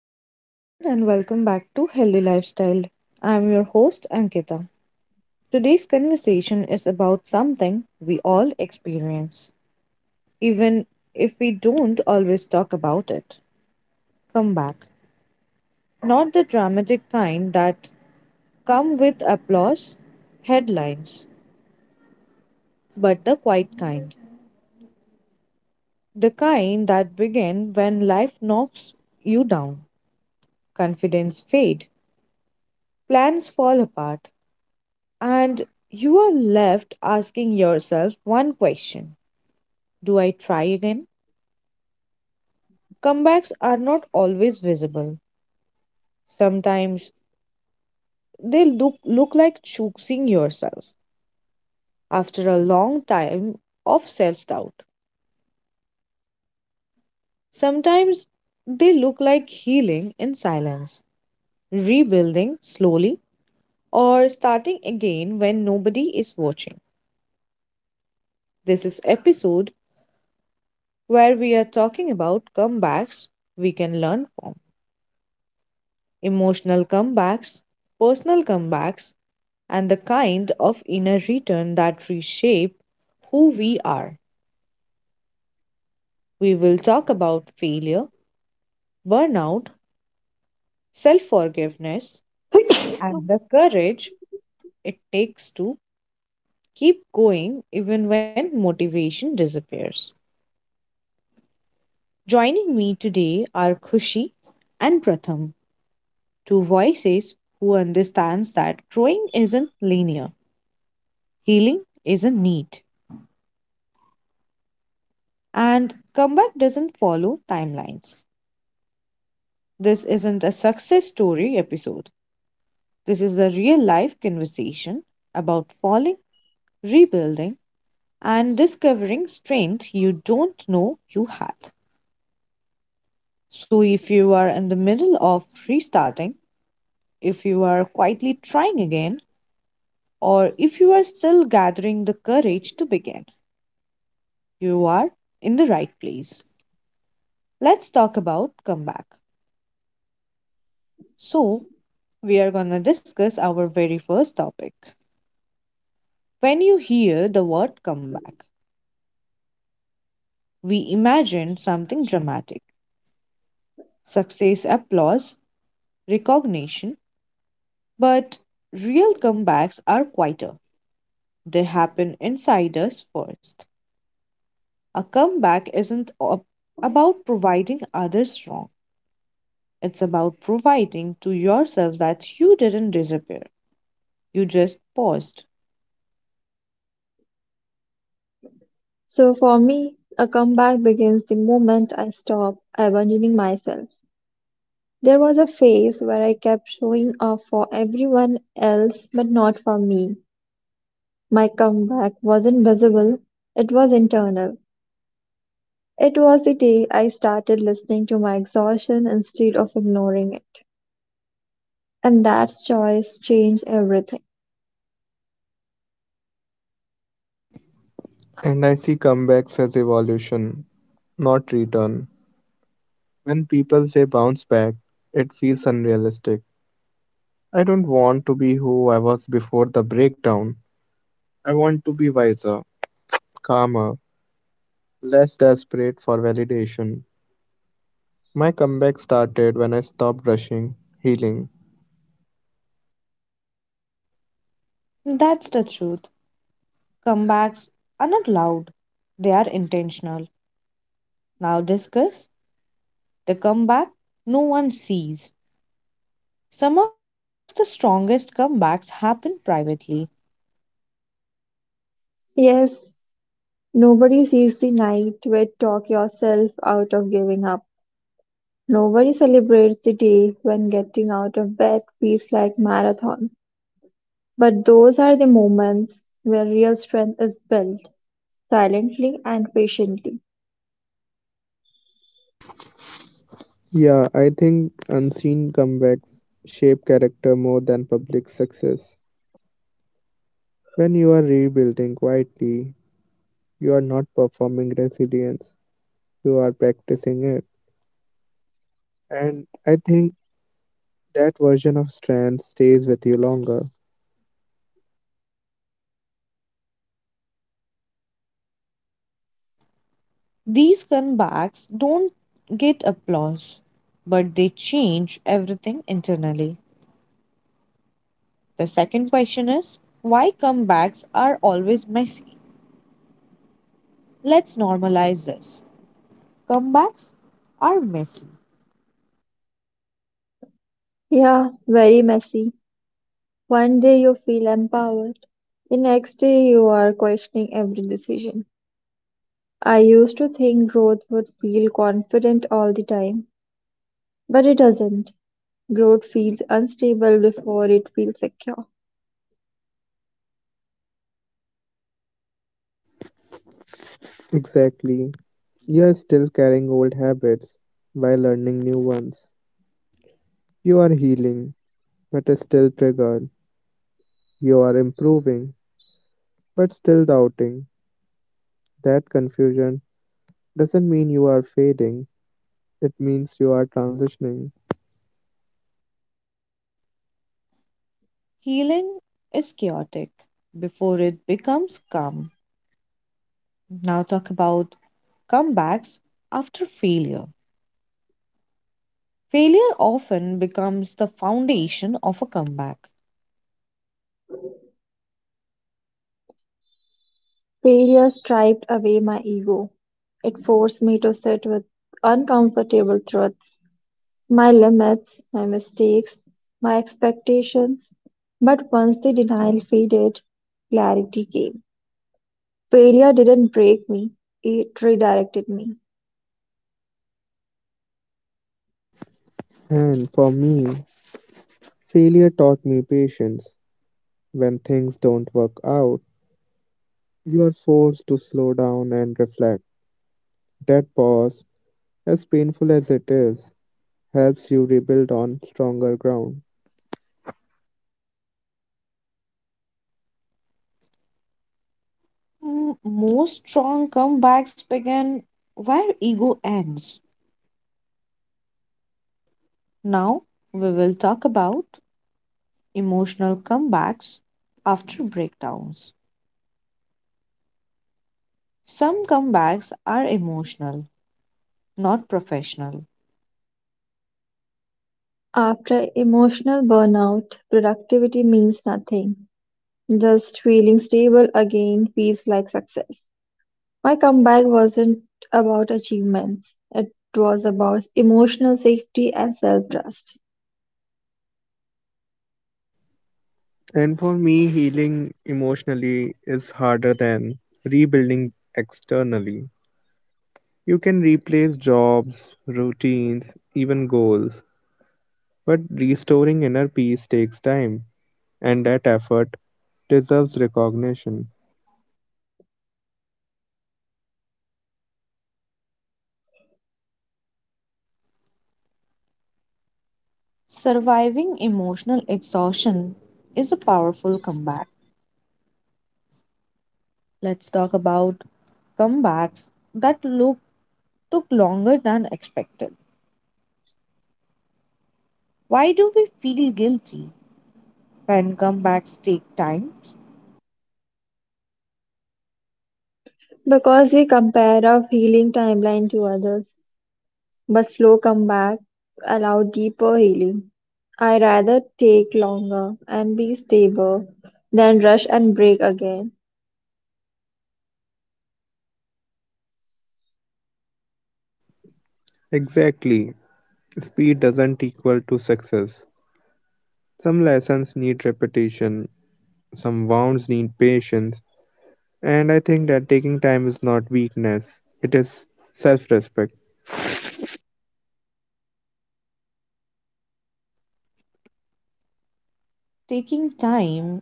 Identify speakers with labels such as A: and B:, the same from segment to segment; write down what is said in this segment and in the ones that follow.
A: Hello, everyone, and welcome back to Healthy Lifestyle. I'm your host, Ankita. Today's conversation is about something we all experience, even if we don't always talk about it. Come back. Not the dramatic kind that come with applause, headlines, but the quiet kind. The kind that begin when life knocks you down, confidence fade, plans fall apart, and you are left asking yourself one question. Do I try again? Comebacks are not always visible. Sometimes they look like choosing yourself after a long time of self doubt. Sometimes they look like healing in silence, rebuilding slowly, or starting again when nobody is watching. This is episode where we are talking about comebacks we can learn from, emotional comebacks, personal comebacks, and the kind of inner return that reshape who we are. We will talk about failure, burnout, self forgiveness, and the courage it takes to keep going even when motivation disappears. Joining me today are Khushi and Pratham, two voices who understands that growing isn't linear, healing isn't neat, and comeback doesn't follow timelines. This isn't a success story episode. This is a real life conversation about falling, rebuilding, and discovering strength you don't know you had. So, if you are in the middle of restarting, if you are quietly trying again, or if you are still gathering the courage to begin, you are in the right place. Let's talk about comeback. So, we are gonna discuss our very first topic. When you hear the word comeback, we imagine something dramatic, success, applause, recognition. But real comebacks are quieter, they happen inside us first. A comeback isn't about providing others wrong, it's about providing to yourself that you didn't disappear, you just paused.
B: So for me, a comeback begins the moment I stop abandoning myself. There was a phase where I kept showing up for everyone else but not for me. My comeback wasn't visible, it was internal. It was the day I started listening to my exhaustion instead of ignoring it. And that choice changed everything.
C: And I see comebacks as evolution, not return. When people say bounce back, it feels unrealistic. I don't want to be who I was before the breakdown. I want to be wiser, calmer, less desperate for validation. My comeback started when I stopped rushing, healing.
A: That's the truth. Comebacks are not loud, they are intentional. Now discuss. The comeback no one sees. Some of the strongest comebacks happen privately.
B: Yes, nobody sees the night where you talk yourself out of giving up. Nobody celebrates the day when getting out of bed feels like marathon, but those are the moments where real strength is built, silently and patiently.
C: Yeah, I think unseen comebacks shape character more than public success. When you are rebuilding quietly, you are not performing resilience, you are practicing it. And I think that version of strength stays with you longer.
A: These comebacks don't get applause, but they change everything internally. The second question is why comebacks are always messy? Let's normalize this. Comebacks are messy.
B: Yeah, very messy. One day you feel empowered. The next day you are questioning every decision. I used to think growth would feel confident all the time, but it doesn't. Growth feels unstable before it feels secure.
C: Exactly. You are still carrying old habits while learning new ones. You are healing, but are still triggered. You are improving, but still doubting. That confusion doesn't mean you are fading, it means you are transitioning.
A: Healing is chaotic before it becomes calm. Now, talk about comebacks after failure. Failure often becomes the foundation of a comeback.
B: Failure stripped away my ego; it forced me to sit with uncomfortable truths, my limits, my mistakes, my expectations. But once the denial faded, clarity came. Failure didn't break me, it redirected me.
C: And for me, failure taught me patience. When things don't work out, you are forced to slow down and reflect. That pause, as painful as it is, helps you rebuild on stronger ground.
A: Most strong comebacks begin where ego ends. Now, we will talk about emotional comebacks after breakdowns. Some comebacks are emotional, not professional.
B: After emotional burnout, productivity means nothing. Just feeling stable again feels like success. My comeback wasn't about achievements, it was about emotional safety and self trust.
C: And for me, healing emotionally is harder than rebuilding externally. You can replace jobs, routines, even goals, but restoring inner peace takes time, and that effort deserves recognition.
A: Surviving emotional exhaustion is a powerful comeback. Let's talk about comebacks that look took longer than expected. Why do we feel guilty when comebacks take time?
B: Because we compare our healing timeline to others, but slow comebacks allow deeper healing. I rather take longer and be stable than rush and break again.
C: Exactly, speed doesn't equal to success. Some lessons need repetition, some wounds need patience. And I think that taking time is not weakness, it is self respect.
A: Taking time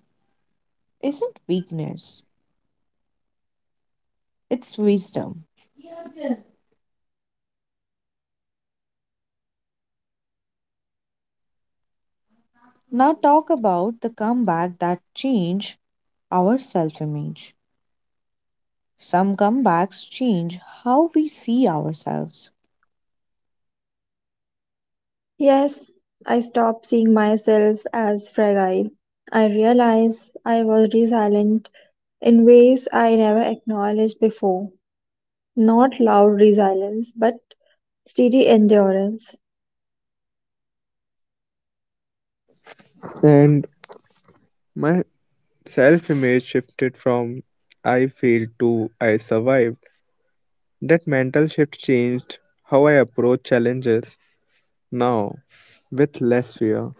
A: isn't weakness, it's wisdom. Now, talk about the comeback that change our self image. Some comebacks change how we see ourselves.
B: Yes, I stopped seeing myself as fragile. I realized I was resilient in ways I never acknowledged before. Not loud resilience, but steady endurance.
C: And my self image shifted from I failed to I survived. That mental shift changed how I approach challenges now with less fear.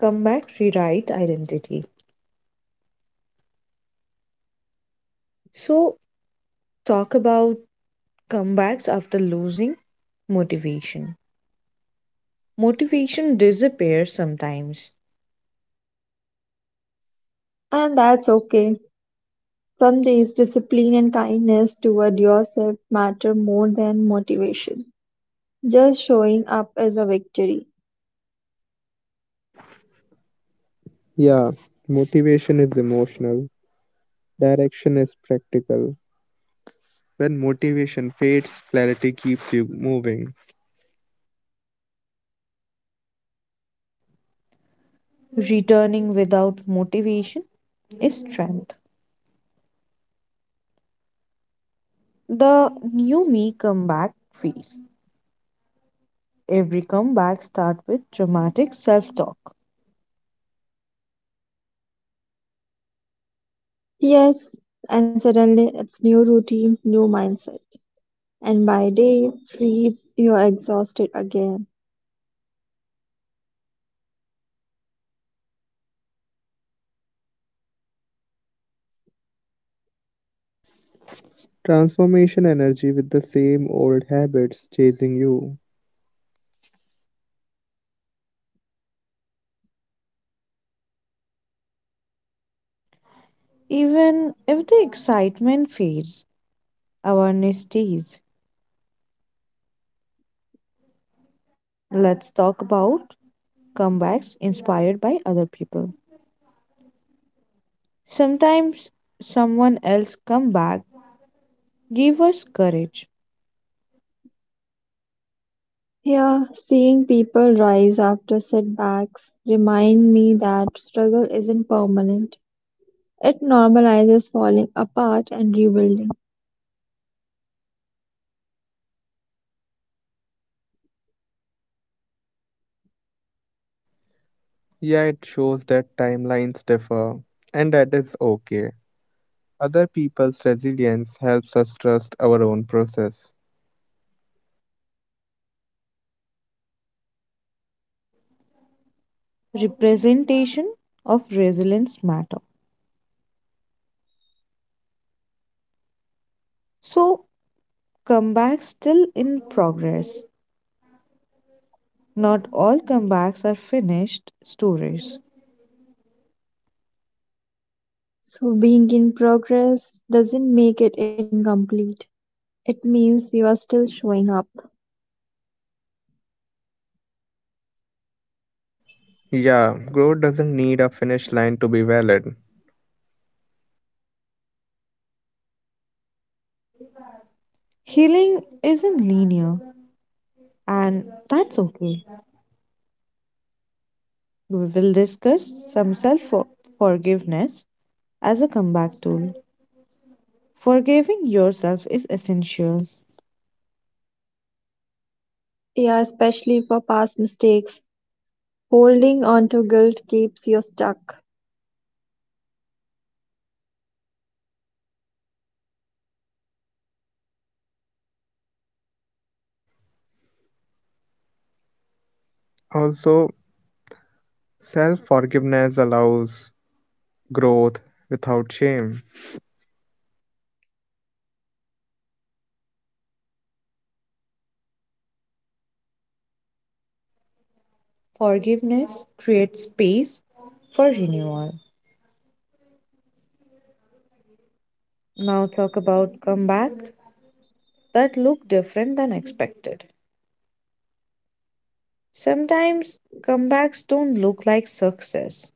A: Comeback rewrite identity. So, talk about comebacks after losing motivation. Motivation disappears sometimes.
B: And that's okay. Some days, discipline and kindness toward yourself matter more than motivation. Just showing up is a victory.
C: Yeah, motivation is emotional, direction is practical. When motivation fades, clarity keeps you moving.
A: Returning without motivation is strength. The new me comeback phase. Every comeback starts with dramatic self talk.
B: Yes, and suddenly it's new routine, new mindset. And by day 3, you're exhausted again.
C: Transformation energy with the same old habits chasing you.
A: Even if the excitement fades, awareness stays. Let's talk about comebacks inspired by other people. Sometimes someone else comeback gave us courage.
B: Here, seeing people rise after setbacks remind me that struggle isn't permanent. It normalizes falling apart and rebuilding.
C: Yeah, it shows that timelines differ, and that is okay. Other people's resilience helps us trust our own process.
A: Representation of resilience matter. So comebacks still in progress. Not all comebacks are finished stories.
B: So being in progress doesn't make it incomplete. It means you are still showing up.
C: Yeah, growth doesn't need a finish line to be valid.
A: Healing isn't linear, and that's okay. We will discuss some self forgiveness as a comeback tool. Forgiving yourself is essential.
B: Yeah, especially for past mistakes. Holding on to guilt keeps you stuck.
C: Also, self forgiveness allows growth without shame,
A: Forgiveness creates space for renewal. Now, talk about comeback that look different than expected. Sometimes comebacks don't look like success.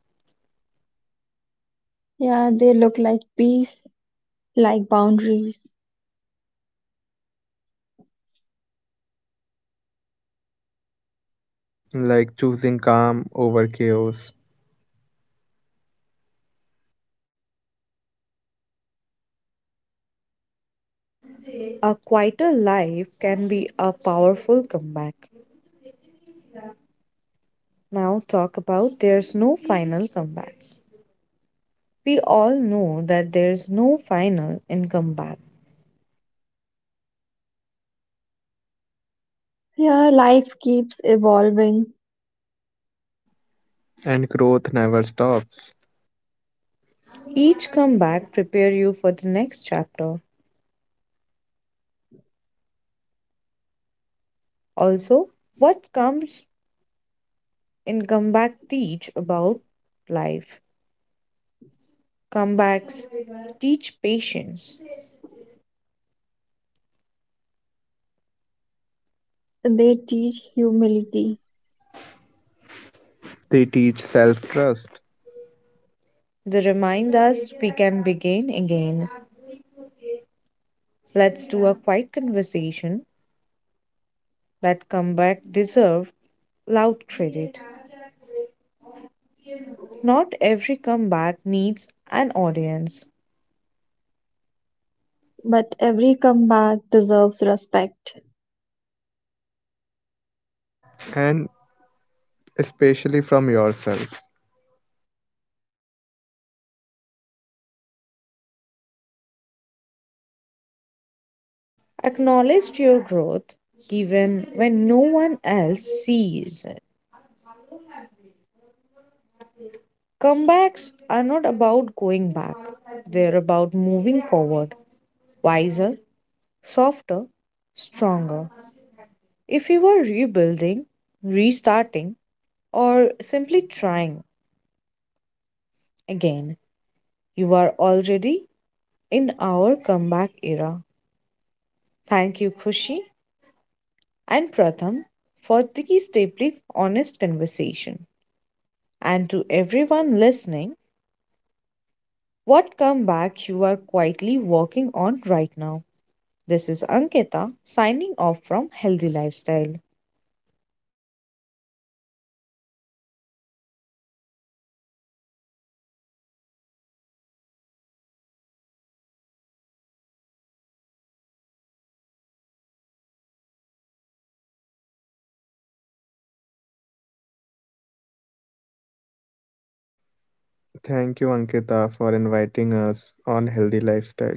B: Yeah, they look like peace, like boundaries.
C: like choosing calm over chaos.
A: A quieter life can be a powerful comeback. Now, talk about there's no final comeback. We all know that there's no final in comeback.
B: Yeah, life keeps evolving.
C: And growth never stops.
A: Each comeback prepare you for the next chapter. Also, what comes in comeback teach about life. Comebacks teach patience.
B: They teach humility,
C: They teach self trust,
A: They remind us we can begin again. Let's do a quiet conversation that comeback deserve loud credit. Not every comeback needs an audience.
B: but every comeback deserves respect.
C: and especially from yourself.
A: Acknowledge your growth even when no one else sees it. Comebacks are not about going back, they're about moving forward, wiser, softer, stronger. If you are rebuilding, restarting, or simply trying again, you are already in our comeback era. Thank you, Khushi and Pratham, for these deeply honest conversation. And to everyone listening, what comeback you are quietly working on right now? This is Ankita signing off from Healthy Lifestyle.
C: Thank you, Ankita, for inviting us on Healthy Lifestyle.